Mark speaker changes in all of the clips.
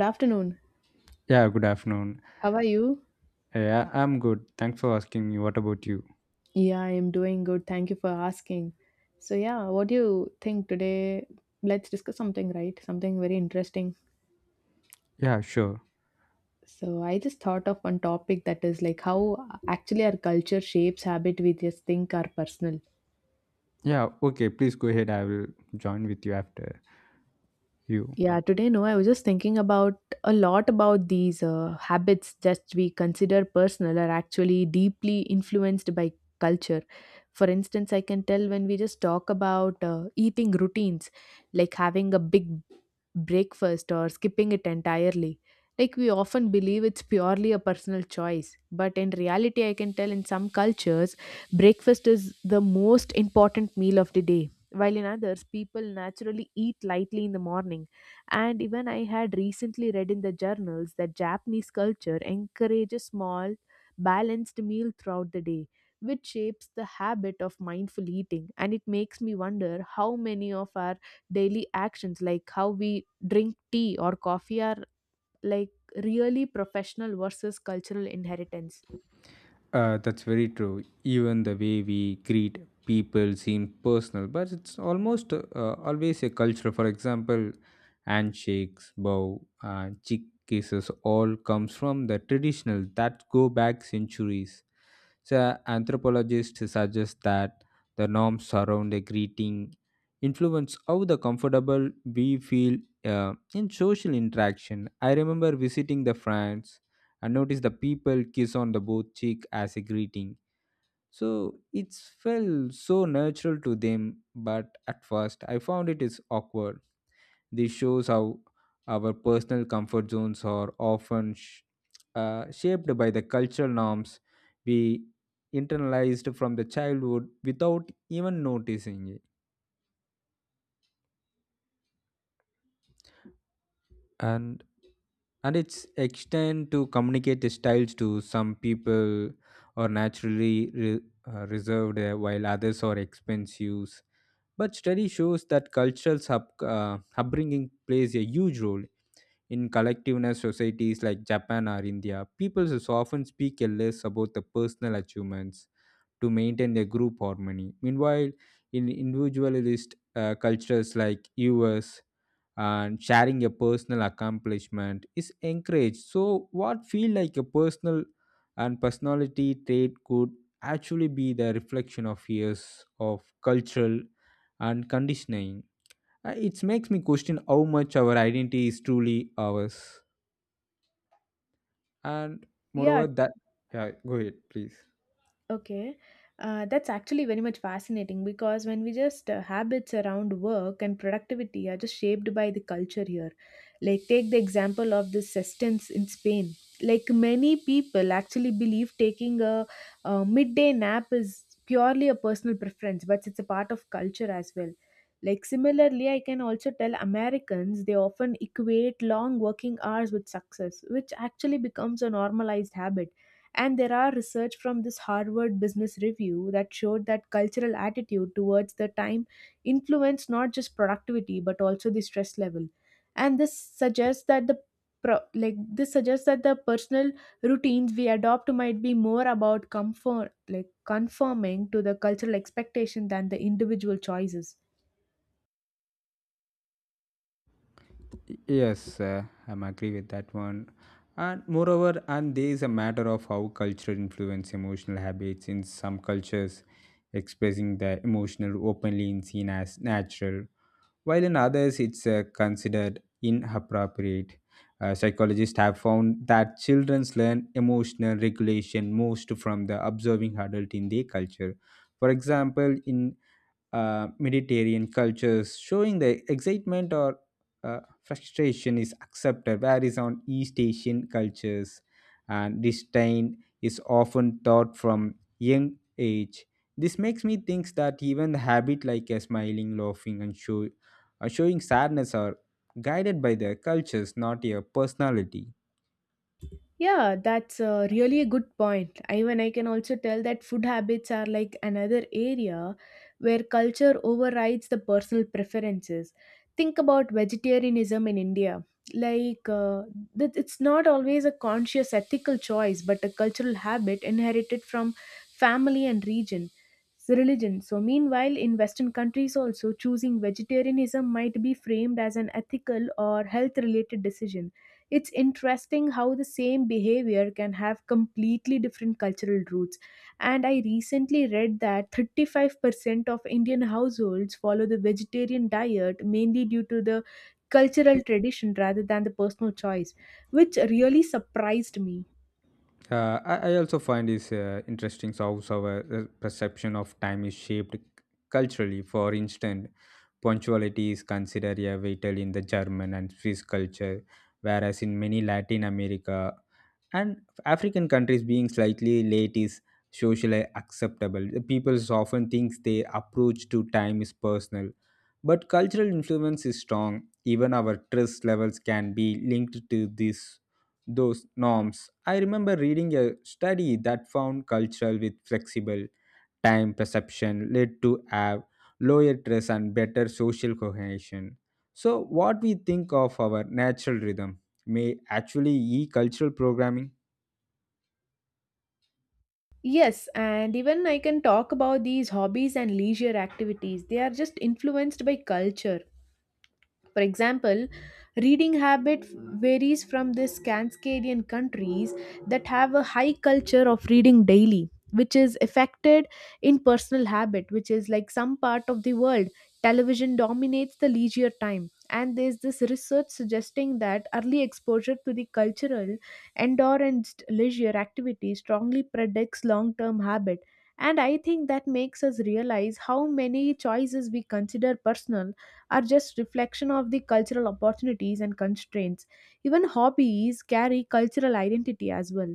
Speaker 1: Good afternoon.
Speaker 2: Yeah, good afternoon.
Speaker 1: How are you?
Speaker 2: Yeah, I'm good. Thanks for asking me. What about you?
Speaker 1: Yeah, I'm doing good. Thank you for asking. So, yeah, what do you think today? Let's discuss something, right? Something very interesting.
Speaker 2: Yeah, sure.
Speaker 1: So, I just thought of one topic that is like how actually our culture shapes habit we just think are personal.
Speaker 2: Yeah, okay, please go ahead. I will join with you after you.
Speaker 1: Yeah, today, no, I was just thinking about a lot about these habits that we consider personal are actually deeply influenced by culture. For instance, I can tell when we just talk about eating routines, like having a big breakfast or skipping it entirely. Like we often believe it's purely a personal choice, but in reality, I can tell in some cultures, breakfast is the most important meal of the day. While in others, people naturally eat lightly in the morning. And even I had recently read in the journals that Japanese culture encourages small, balanced meal throughout the day, which shapes the habit of mindful eating. And it makes me wonder how many of our daily actions like how we drink tea or coffee are like really professional versus cultural inheritance.
Speaker 2: That's very true. Even the way we greet people seems personal, but it's almost always a culture. For example, handshakes, bow, and cheek kisses all comes from the traditional that go back centuries. So anthropologists suggest that the norms around a greeting influence how the comfortable we feel in social interaction. I remember visiting the France and notice the people kiss on the both cheek as a greeting. So it felt so natural to them, but at first I found it is awkward. This shows how our personal comfort zones are often shaped by the cultural norms we internalized from the childhood without even noticing it. And and it's extend to communicate styles to some people are naturally reserved while others are expensive, but study shows that cultural upbringing plays a huge role in collectiveness societies like Japan or India, people often speak a less about the personal achievements to maintain their group harmony. Meanwhile, in individualist cultures like US, and sharing a personal accomplishment is encouraged. So, what feel like a personal and personality trait could actually be the reflection of years of cultural and conditioning. It makes me question how much our identity is truly ours, and
Speaker 1: Yeah.
Speaker 2: moreover that yeah, go ahead, please.
Speaker 1: Okay, that's actually very much fascinating because when we just habits around work and productivity are just shaped by the culture here. Like, take the example of the sestens in Spain. Like, many people actually believe taking a midday nap is purely a personal preference, but it's a part of culture as well. Like, similarly, I can also tell Americans they often equate long working hours with success, which actually becomes a normalized habit, and there are research from this Harvard Business Review that showed that cultural attitude towards the time influenced not just productivity but also the stress level. And this suggests that like this suggests that the personal routines we adopt might be more about comfort like conforming to the cultural expectation than the individual choices.
Speaker 2: Yes, I'm agree with that one. And moreover, and there is a matter of how culture influence emotional habits. In some cultures, expressing the emotional openly is seen as natural, while in others it's considered inappropriate. Psychologists have found that children learn emotional regulation most from the observing adult in their culture. For example, in Mediterranean cultures, showing the excitement or frustration is accepted, whereas on East Asian cultures, and disdain is often taught from young age. This makes me think that even the habit like a smiling, laughing, and showing sadness are guided by their cultures, not your personality.
Speaker 1: Yeah, that's really a good point. Even I can also tell that food habits are like another area where culture overrides the personal preferences. Think about vegetarianism in India. Like, that it's not always a conscious ethical choice, but a cultural habit inherited from family and region. So religion. So, meanwhile, in Western countries, also choosing vegetarianism might be framed as an ethical or health related decision. It's interesting how the same behavior can have completely different cultural roots. And I recently read that 35% of Indian households follow the vegetarian diet mainly due to the cultural tradition rather than the personal choice, which really surprised me.
Speaker 2: I also find this interesting how our perception of time is shaped culturally. For instance, punctuality is considered a vital in the German and Swiss culture, whereas in many Latin America and African countries, being slightly late is socially acceptable. The people often think their approach to time is personal, but cultural influence is strong. Even our trust levels can be linked to this those norms. I remember reading a study that found cultural with flexible time perception led to have lower stress and better social cohesion. So, what we think of our natural rhythm may actually be cultural programming.
Speaker 1: Yes, and even I can talk about these hobbies and leisure activities. They are just influenced by culture. For example, reading habit varies from the Scandinavian countries that have a high culture of reading daily, which is affected in personal habit, which is like some part of the world. Television dominates the leisure time. And there's this research suggesting that early exposure to the cultural, indoor, and leisure activity strongly predicts long term habit. And I think that makes us realize how many choices we consider personal are just reflection of the cultural opportunities and constraints. Even hobbies carry cultural identity as well.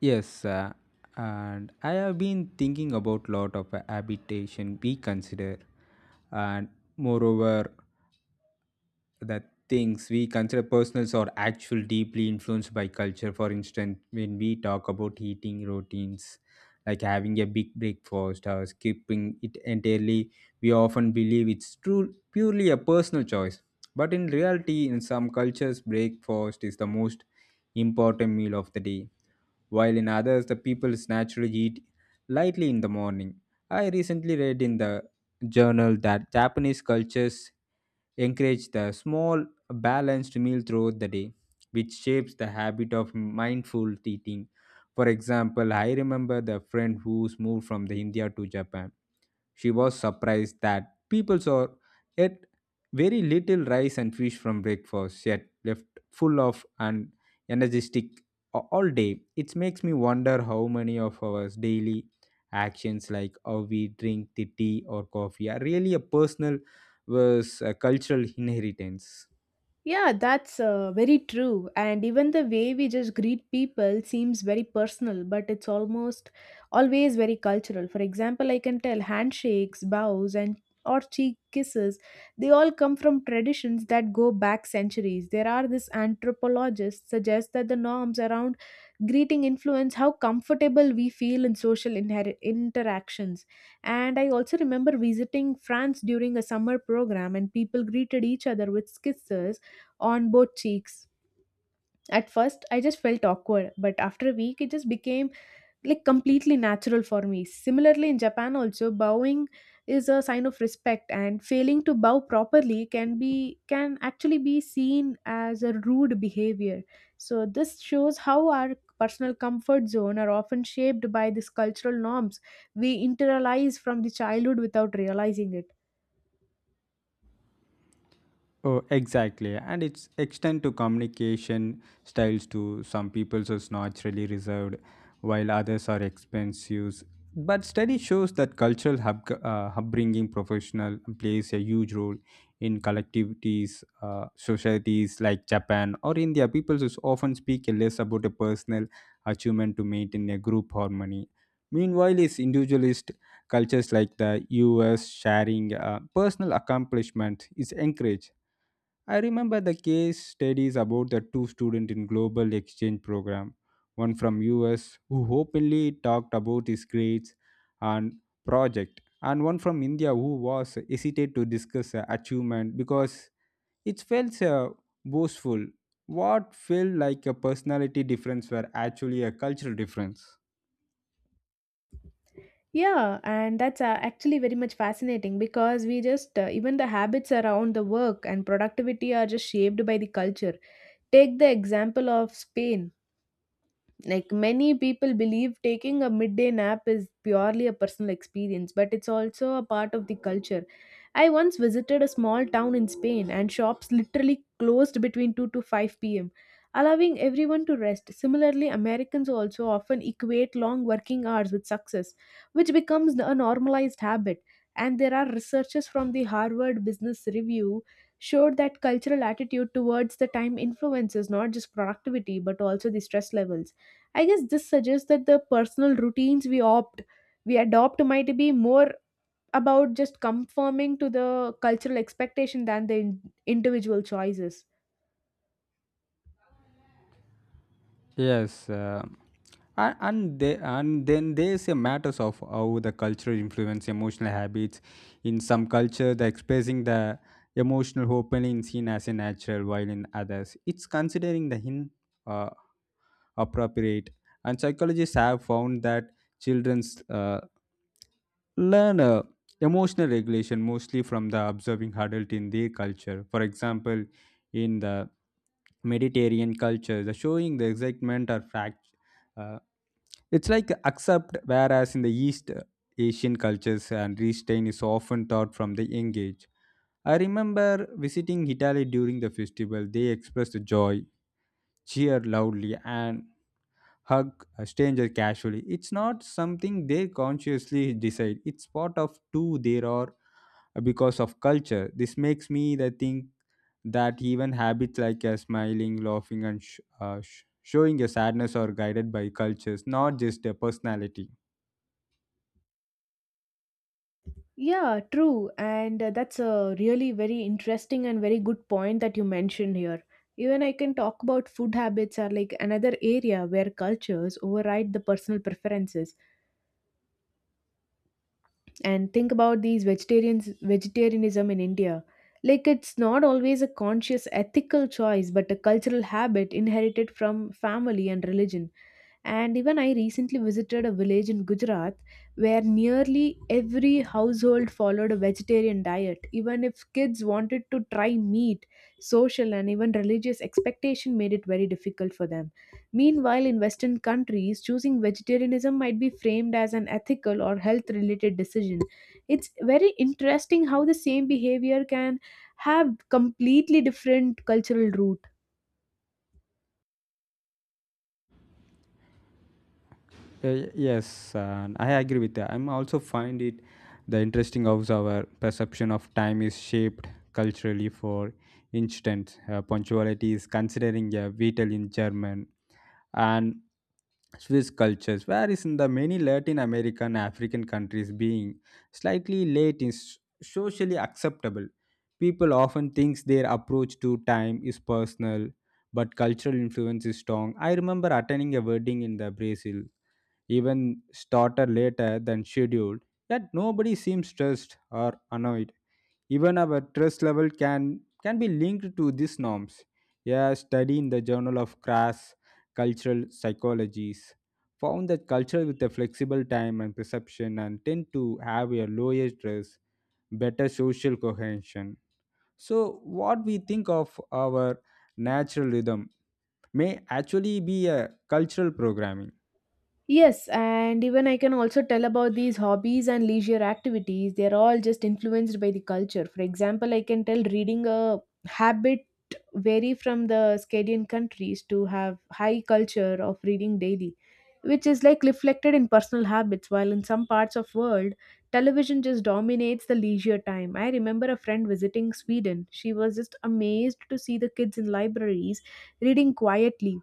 Speaker 2: Yes, and I have been thinking about lot of habitation we consider, and moreover, that things we consider personals are actually deeply influenced by culture. For instance, when we talk about eating routines, like having a big breakfast or skipping it entirely, we often believe it's true purely a personal choice. But in reality, in some cultures, breakfast is the most important meal of the day, while in others the people naturally eat lightly in the morning. I recently read in the journal that Japanese cultures encourage the small balanced meal throughout the day, which shapes the habit of mindful eating. For example, I remember the friend who's moved from the India to Japan. She was surprised that people saw yet very little rice and fish from breakfast, yet left full of and energetic all day. It makes me wonder how many of our daily actions, like how we drink the tea or coffee, are really a personal versus a cultural inheritance.
Speaker 1: Yeah, that's very true. And even the way we just greet people seems very personal, but it's almost always very cultural. For example, I can tell handshakes, bows, and or cheek kisses, they all come from traditions that go back centuries. There are these anthropologists suggest that the norms around greeting influence how comfortable we feel in interactions. And I also remember visiting France during a summer program, and people greeted each other with kisses on both cheeks. At first, I just felt awkward, but after a week, it just became like completely natural for me. Similarly, in Japan, also bowing is a sign of respect, and failing to bow properly can actually be seen as a rude behavior. So this shows how our personal comfort zone are often shaped by these cultural norms we internalize from the childhood without realizing it.
Speaker 2: Oh, exactly. And it's extend to communication styles too. Some people are naturally reserved, while others are expensive. But study shows that cultural upbringing professional plays a huge role in collectivities, societies like Japan or India. People just often speak less about a personal achievement to maintain a group harmony. Meanwhile, is individualist cultures like the US, sharing personal accomplishment is encouraged. I remember the case studies about the two students in global exchange program, one from US who openly talked about his grades and project, and one from India who was hesitant to discuss achievement because it felt boastful. What felt like a personality difference were actually a cultural difference.
Speaker 1: Yeah, and that's actually very much fascinating because we just, even the habits around the work and productivity are just shaped by the culture. Take the example of Spain. Like many people believe taking a midday nap is purely a personal experience, but it's also a part of the culture. I once visited a small town in Spain and shops literally closed between 2 to 5 p.m., allowing everyone to rest. Similarly, Americans also often equate long working hours with success, which becomes a normalized habit. And there are researchers from the Harvard Business Review showed that cultural attitude towards the time influences not just productivity but also the stress levels. I guess this suggests that the personal routines we opt we adopt might be more about just conforming to the cultural expectation than the individual choices.
Speaker 2: Yes, and then there's a matters of how the culture influence emotional habits. In some culture, the expressing the emotional openly is seen as a natural, while in others, it's considering the hin uh, appropriate. And psychologists have found that children's learn emotional regulation mostly from the observing adult in their culture. For example, in the Mediterranean culture, the showing the excitement or uh, it's like accept. Whereas in the East Asian cultures, and restraint is often taught from the young age. I remember visiting Italy during the festival. They expressed joy, cheer loudly, and hug a stranger casually. It's not something they consciously decide. It's part of two there are because of culture. This makes me the think that even habits like smiling, laughing, and showing your sadness are guided by cultures, not just a personality.
Speaker 1: Yeah, true. And that's a really very interesting and very good point that you mentioned here. Even I can talk about food habits are like another area where cultures override the personal preferences. And think about these vegetarians vegetarianism in India. Like, it's not always a conscious ethical choice but a cultural habit inherited from family and religion. And even I recently visited a village in Gujarat where nearly every household followed a vegetarian diet. Even if kids wanted to try meat, social and even religious expectation made it very difficult for them. Meanwhile, in Western countries, choosing vegetarianism might be framed as an ethical or health related decision. It's very interesting how the same behavior can have completely different cultural roots.
Speaker 2: Yes, I agree with that. I'm also find it the interesting how our perception of time is shaped culturally. For instance, punctuality is considering a vital in German and Swiss cultures, whereas in the many Latin American African countries, being slightly late is socially acceptable. People often thinks their approach to time is personal, but cultural influence is strong. I remember attending a wedding in the Brazil even started later than scheduled, yet nobody seems stressed or annoyed. Even our stress level can be linked to these norms. A study in the Journal of Crass Cultural Psychologies found that cultures with a flexible time and perception and tend to have a lower stress, better social cohesion. So what we think of our natural rhythm may actually be a cultural programming.
Speaker 1: Yes, and even I can also tell about these hobbies and leisure activities. They're all just influenced by the culture. For example, I can tell reading a habit vary from the Scandinavian countries to have high culture of reading daily, which is like reflected in personal habits. While in some parts of world, television just dominates the leisure time. I remember a friend visiting Sweden. She was just amazed to see the kids in libraries reading quietly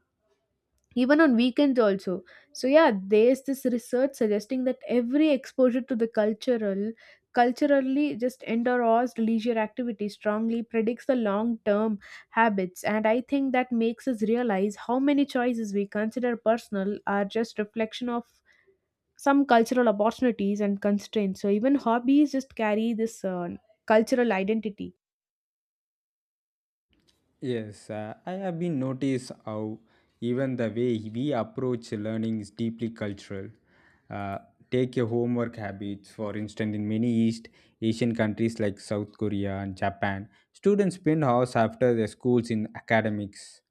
Speaker 1: even on weekends also. So yeah, there's this research suggesting that every exposure to the culturally just endorsed leisure activity strongly predicts the long term habits. And I think that makes us realize how many choices we consider personal are just reflection of some cultural opportunities and constraints. So even hobbies just carry this cultural identity.
Speaker 2: Yes, I have been noticed how even the way we approach learning is deeply cultural. Uh, Take your homework habits, for instance, in many East Asian countries like South Korea and Japan, students spend hours after their schools in academics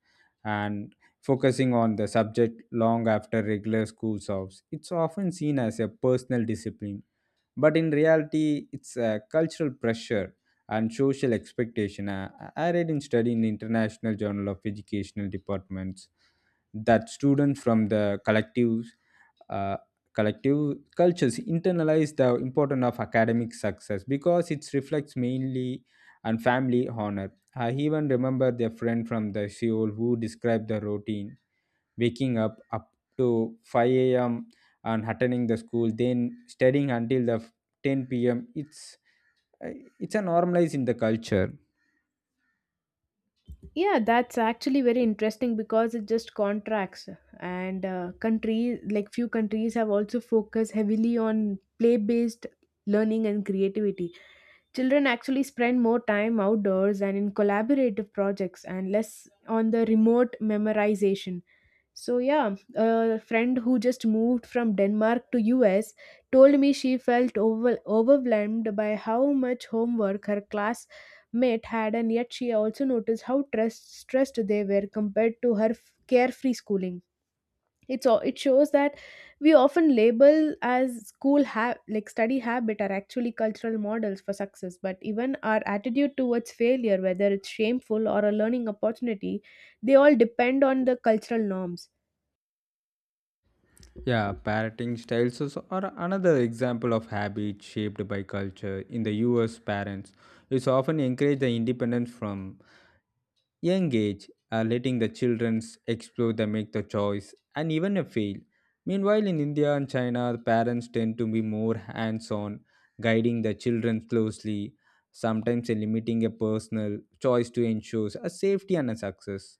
Speaker 2: and focusing on the subject long after regular school hours. It's often seen as a personal discipline, but in reality it's a cultural pressure and social expectation. I read in study in international journal of educational departments that students from the uh, collective cultures internalize the importance of academic success because it reflects mainly on family honor. I even remember their friend from the Seoul who described the routine waking up to 5 a.m. and attending the school, then studying until the 10 p.m. It's a normalized in the culture.
Speaker 1: Yeah, that's actually very interesting because it just contracts. And countries like few countries have also focused heavily on play based learning and creativity. Children actually spend more time outdoors and in collaborative projects and less on the remote memorization. So yeah, a friend who just moved from Denmark to US told me she felt overwhelmed by how much homework her classmate had, and yet she also noticed how stressed they were compared to her carefree schooling. It's all it shows that we often label as school have like study habit are actually cultural models for success. But even our attitude towards failure, whether it's shameful or a learning opportunity, they all depend on the cultural norms.
Speaker 2: Yeah, parenting styles are another example of habits shaped by culture. In the US, parents it's often encourage the independence from young age, letting the children explore the make the choice and even a fail. Meanwhile, in India and China, the parents tend to be more hands-on, guiding the children closely, sometimes limiting a personal choice to ensure a safety and a success.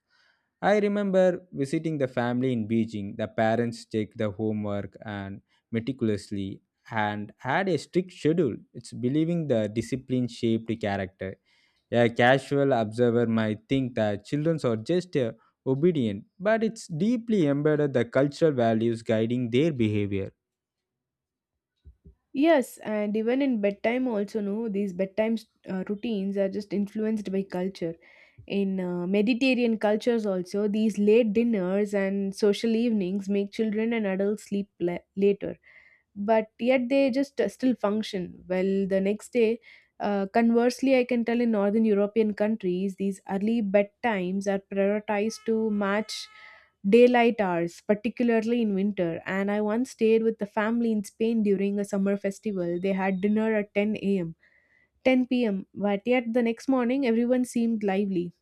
Speaker 2: I remember visiting the family in Beijing. The parents checked the homework and meticulously and had a strict schedule. It's believing the discipline shaped character. A casual observer might think that children are just obedient, but it's deeply embedded the cultural values guiding their behavior.
Speaker 1: Yes, and even in bedtime also, no, these bedtime routines are just influenced by culture. In Mediterranean cultures also, these late dinners and social evenings make children and adults sleep later, but yet they just still function well the next day. Conversely, I can tell in Northern European countries these early bedtimes are prioritized to match daylight hours particularly in winter. And I once stayed with the family in Spain during a summer festival. They had dinner at 10 p.m, but yet the next morning everyone seemed lively.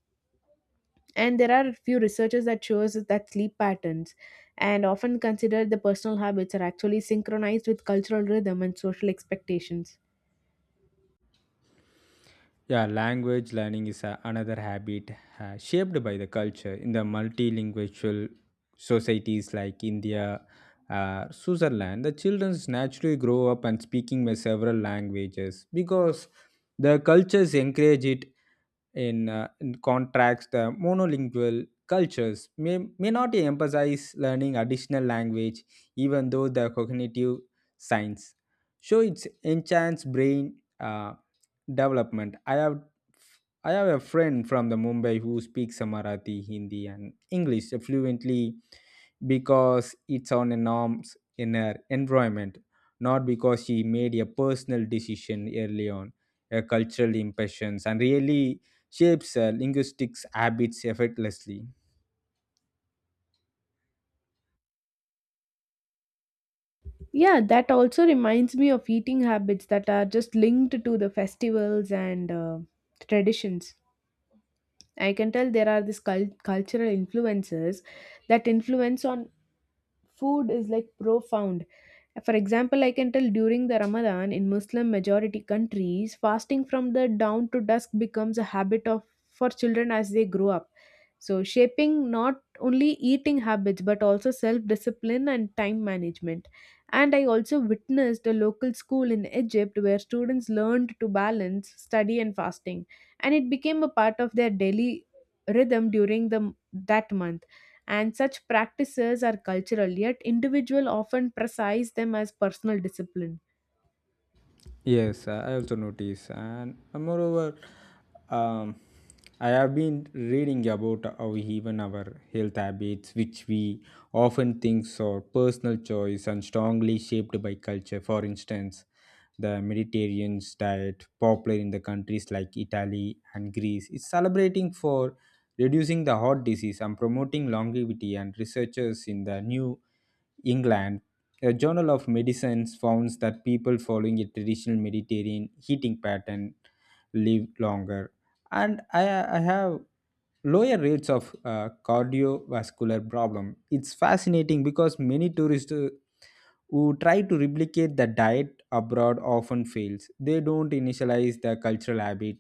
Speaker 1: And there are a few researchers that shows that sleep patterns and often considered the personal habits are actually synchronized with cultural rhythm and social expectations.
Speaker 2: Yeah, language learning is a, another habit shaped by the culture in the multilingual societies like India, Switzerland. The children naturally grow up and speaking with several languages because the cultures encourage it. In contrast, the monolingual cultures may not emphasize learning additional language, even though the cognitive science show its enhanced brain development. I have a friend from the Mumbai who speaks Marathi, Hindi, and English fluently because it's on a norms in her environment, not because she made a personal decision early on. Her cultural impressions and really shapes her linguistics habits effortlessly.
Speaker 1: Yeah, that also reminds me of eating habits that are just linked to the festivals and traditions. I can tell there are these cultural influences that influence on food is like profound. For example, I can tell during the Ramadan in Muslim majority countries, fasting from the dawn to dusk becomes a habit of for children as they grow up, so shaping not only eating habits but also self discipline and time management. And I also witnessed a local school in Egypt where students learned to balance study and fasting, and it became a part of their daily rhythm during the that month. And such practices are cultural, yet individual often precise them as personal discipline.
Speaker 2: Yes, I also notice, and um, I have been reading about how even our health habits, which we often think are personal choice and strongly shaped by culture. For instance, the Mediterranean diet, popular in the countries like Italy and Greece, is celebrating for reducing the heart disease and promoting longevity. And researchers in the New England a Journal of Medicines founds that people following a traditional Mediterranean heating pattern live longer, and I have lower rates of cardiovascular problem. It's fascinating because many tourists who try to replicate the diet abroad often fails. They don't initialize the cultural habit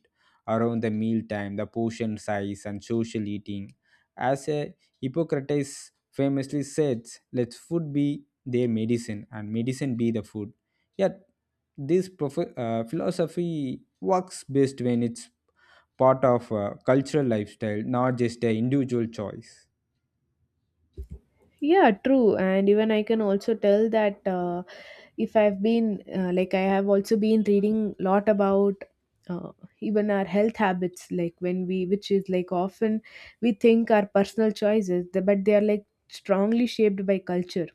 Speaker 2: around the meal time, the portion size, and social eating. As a Hippocrates famously said, let food be their medicine and medicine be the food. Yet, this philosophy works best when it's part of a cultural lifestyle, not just an individual choice.
Speaker 1: Yeah, true. And even I can also tell that if I've been, I have also been reading a lot about uh, even our health habits, like, which is like often we think are personal choices, but they are like strongly shaped by culture.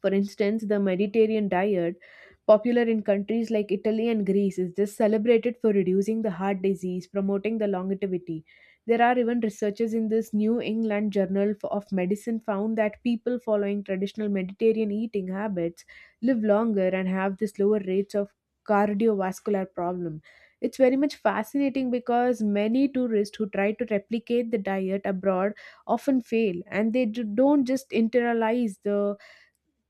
Speaker 1: For instance, the Mediterranean diet, popular in countries like Italy and Greece, is just celebrated for reducing the heart disease, promoting the longevity. There are even researchers in this New England Journal of Medicine found that people following traditional Mediterranean eating habits live longer and have this lower rates of cardiovascular problem. It's very much fascinating because many tourists who try to replicate the diet abroad often fail and they don't just internalize the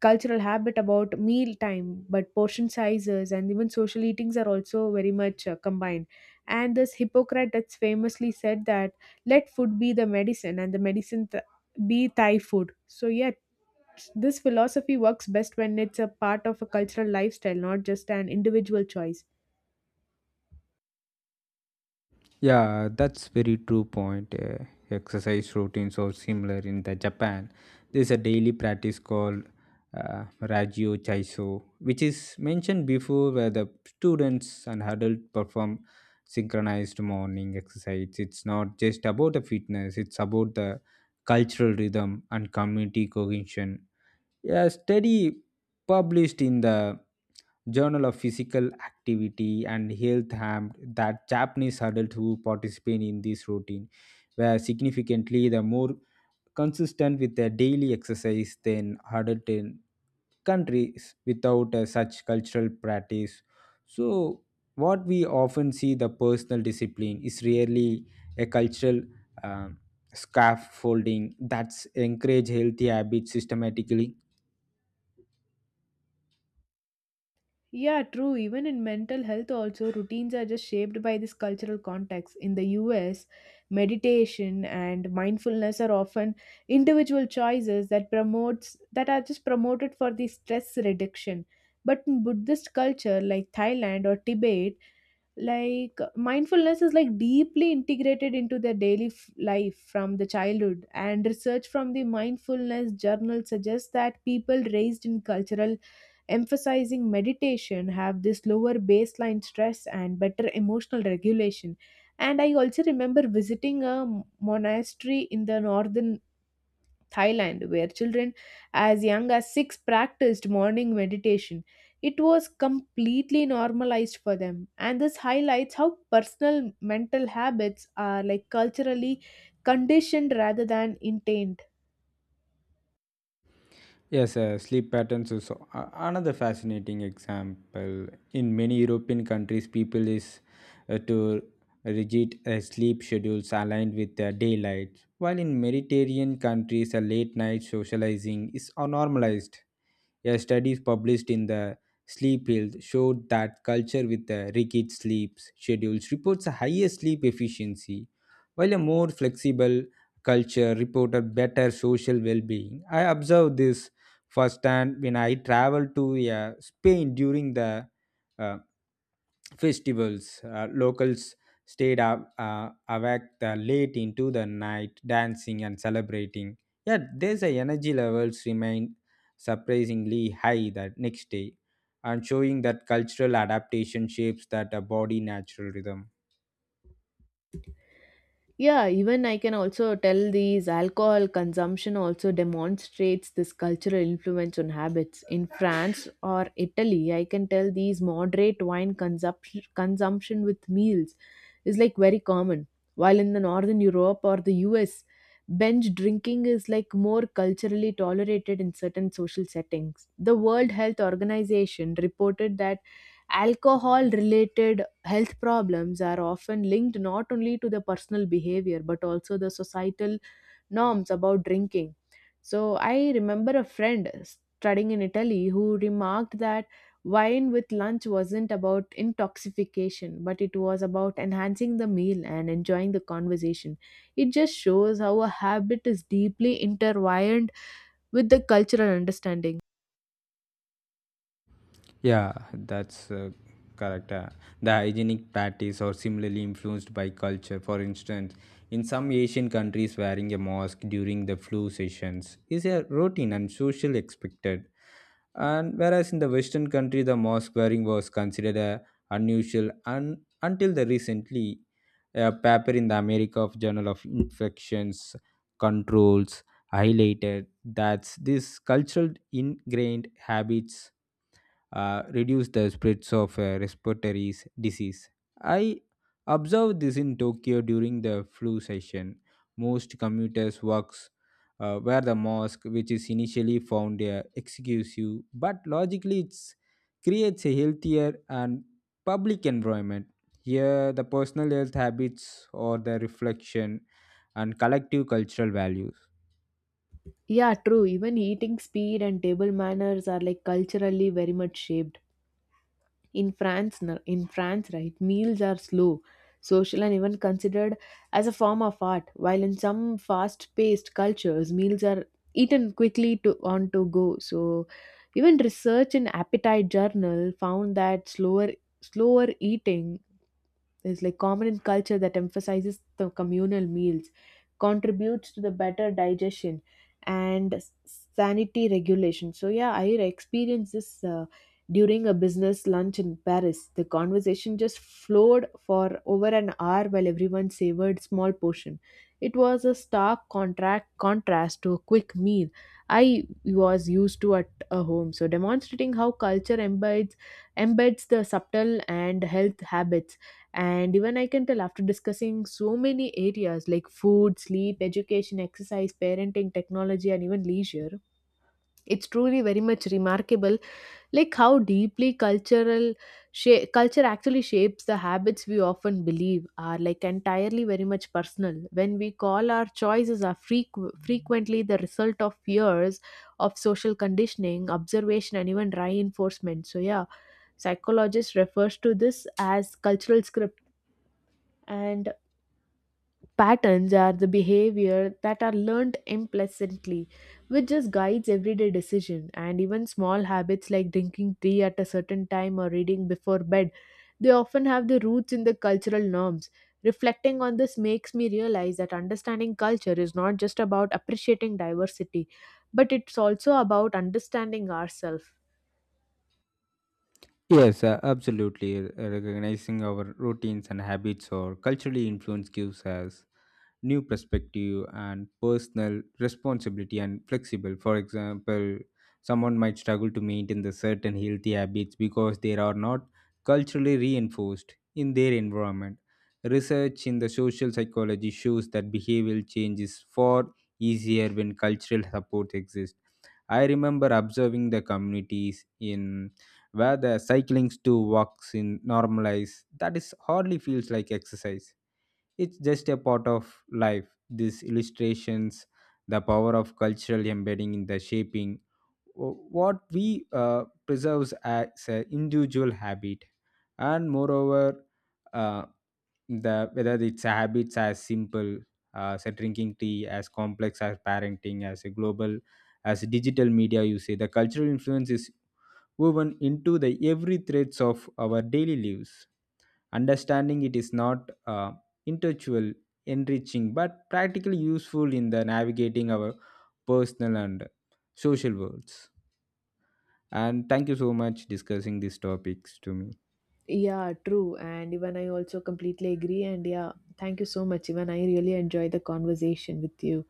Speaker 1: cultural habit about meal time, but portion sizes and even social eatings are also very much combined. And this Hippocrates famously said that let food be the medicine and the medicine be Thai food. So yet, this philosophy works best when it's a part of a cultural lifestyle, not just an individual choice.
Speaker 2: Yeah, that's very true point. Exercise routines are similar in the Japan. There's a daily practice called Rajyo Chaiso, which is mentioned before, where the students and adults perform synchronized morning exercise. It's not just about the fitness; it's about the cultural rhythm and community cohesion. A study published in the Journal of Physical Activity and Health harmed that Japanese adults who participate in this routine were significantly the more consistent with their daily exercise than adults in countries without such cultural practice. So, what we often see the personal discipline is really a cultural um, scaffolding that's encourage healthy habits systematically.
Speaker 1: Yeah, true. Even in mental health, also, routines are just shaped by this cultural context. In the US, meditation and mindfulness are often individual choices that promotes, that are just promoted for the stress reduction. But in Buddhist culture like Thailand or Tibet, like mindfulness is like deeply integrated into their daily life from the childhood, and research from the mindfulness journal suggests that people raised in cultural emphasizing meditation have this lower baseline stress and better emotional regulation. And I also remember visiting a monastery in the northern Thailand where children as young as 6 practiced morning meditation. It was completely normalized for them, and this highlights how personal mental habits are like culturally conditioned rather than intained.
Speaker 2: Yes, sleep patterns is another fascinating example. In many European countries, people is to rigid sleep schedules aligned with daylight, while in Mediterranean countries, a late night socializing is normalized. A studies published in the Sleep Health showed that culture with the rigid sleep schedules reports a higher sleep efficiency, while a more flexible culture reported better social well-being. I observed this first and when I traveled to Spain during the uh, festivals locals stayed up awake the late into the night dancing and celebrating, yet there's a energy levels remained surprisingly high that next day, and showing that cultural adaptation shapes that a body natural rhythm.
Speaker 1: Yeah, even I can also tell these alcohol consumption also demonstrates this cultural influence on habits. In France or Italy, I can tell these moderate wine consumption with meals is like very common. While in the Northern Europe or the US, binge drinking is like more culturally tolerated in certain social settings. The World Health Organization reported that alcohol related health problems are often linked not only to the personal behavior but also the societal norms about drinking. So I remember a friend studying in Italy who remarked that wine with lunch wasn't about intoxication, but it was about enhancing the meal and enjoying the conversation. It just shows how a habit is deeply intertwined with the cultural understanding.
Speaker 2: Yeah, that's correct. The hygienic practice are similarly influenced by culture. For instance, in some Asian countries, wearing a mask during the flu sessions is a routine and social expected. And whereas in the Western country, the mask wearing was considered a unusual and until the recently, a paper in the America of Journal of Infections Controls highlighted that these cultural ingrained habits reduce the spreads of respiratory disease. I observed this in Tokyo during the flu session. Most commuters works wear the mask, which is initially found exclusive, but logically it creates a healthier and public environment. Here, the personal health habits or the reflection and collective cultural values.
Speaker 1: Yeah, true. Even eating speed and table manners are like culturally very much shaped. In France, in France, right, meals are slow, social, and even considered as a form of art. While in some fast-paced cultures, meals are eaten quickly to on to go. So, even research in appetite journal found that slower eating, it's like common in culture that emphasizes the communal meals, contributes to the better digestion and sanity regulation. So yeah, I experienced this during a business lunch in Paris. The conversation just flowed for over an hour while everyone savored small portion. It was a stark contract contrast to a quick meal I was used to at a home. So demonstrating how culture embeds the subtle and health habits. And even I can tell after discussing so many areas like food, sleep, education, exercise, parenting, technology, and even leisure, it's truly very much remarkable like how deeply cultural culture actually shapes the habits we often believe are like entirely very much personal. When we call our choices are frequently the result of years of social conditioning, observation, and even reinforcement. So yeah, psychologist refers to this as cultural script. And patterns are the behavior that are learned implicitly, which just guides everyday decision and even small habits like drinking tea at a certain time or reading before bed. They often have the roots in the cultural norms. Reflecting on this makes me realize that understanding culture is not just about appreciating diversity, but it's also about understanding ourselves.
Speaker 2: Yes, absolutely. Recognizing our routines and habits or culturally influence gives us new perspective and personal responsibility and flexible. For example, someone might struggle to maintain the certain healthy habits because they are not culturally reinforced in their environment. Research in the social psychology shows that behavioral change is far easier when cultural support exists. I remember observing the communities in where the cyclings to walks in normalize that is hardly feels like exercise, it's just a part of life. These illustrations, the power of cultural embedding in the shaping what we preserves as an individual habit, and moreover, uh, the whether it's habits as simple as drinking tea, as complex as parenting, as a global, as digital media, you say the cultural influence is woven into the every threads of our daily lives. Understanding it is not intellectual enriching but practically useful in the navigating our personal and social worlds. And thank you so much discussing these topics to me.
Speaker 1: Yeah, true. And even I also completely agree. And yeah, thank you so much. Even I really enjoy the conversation with you.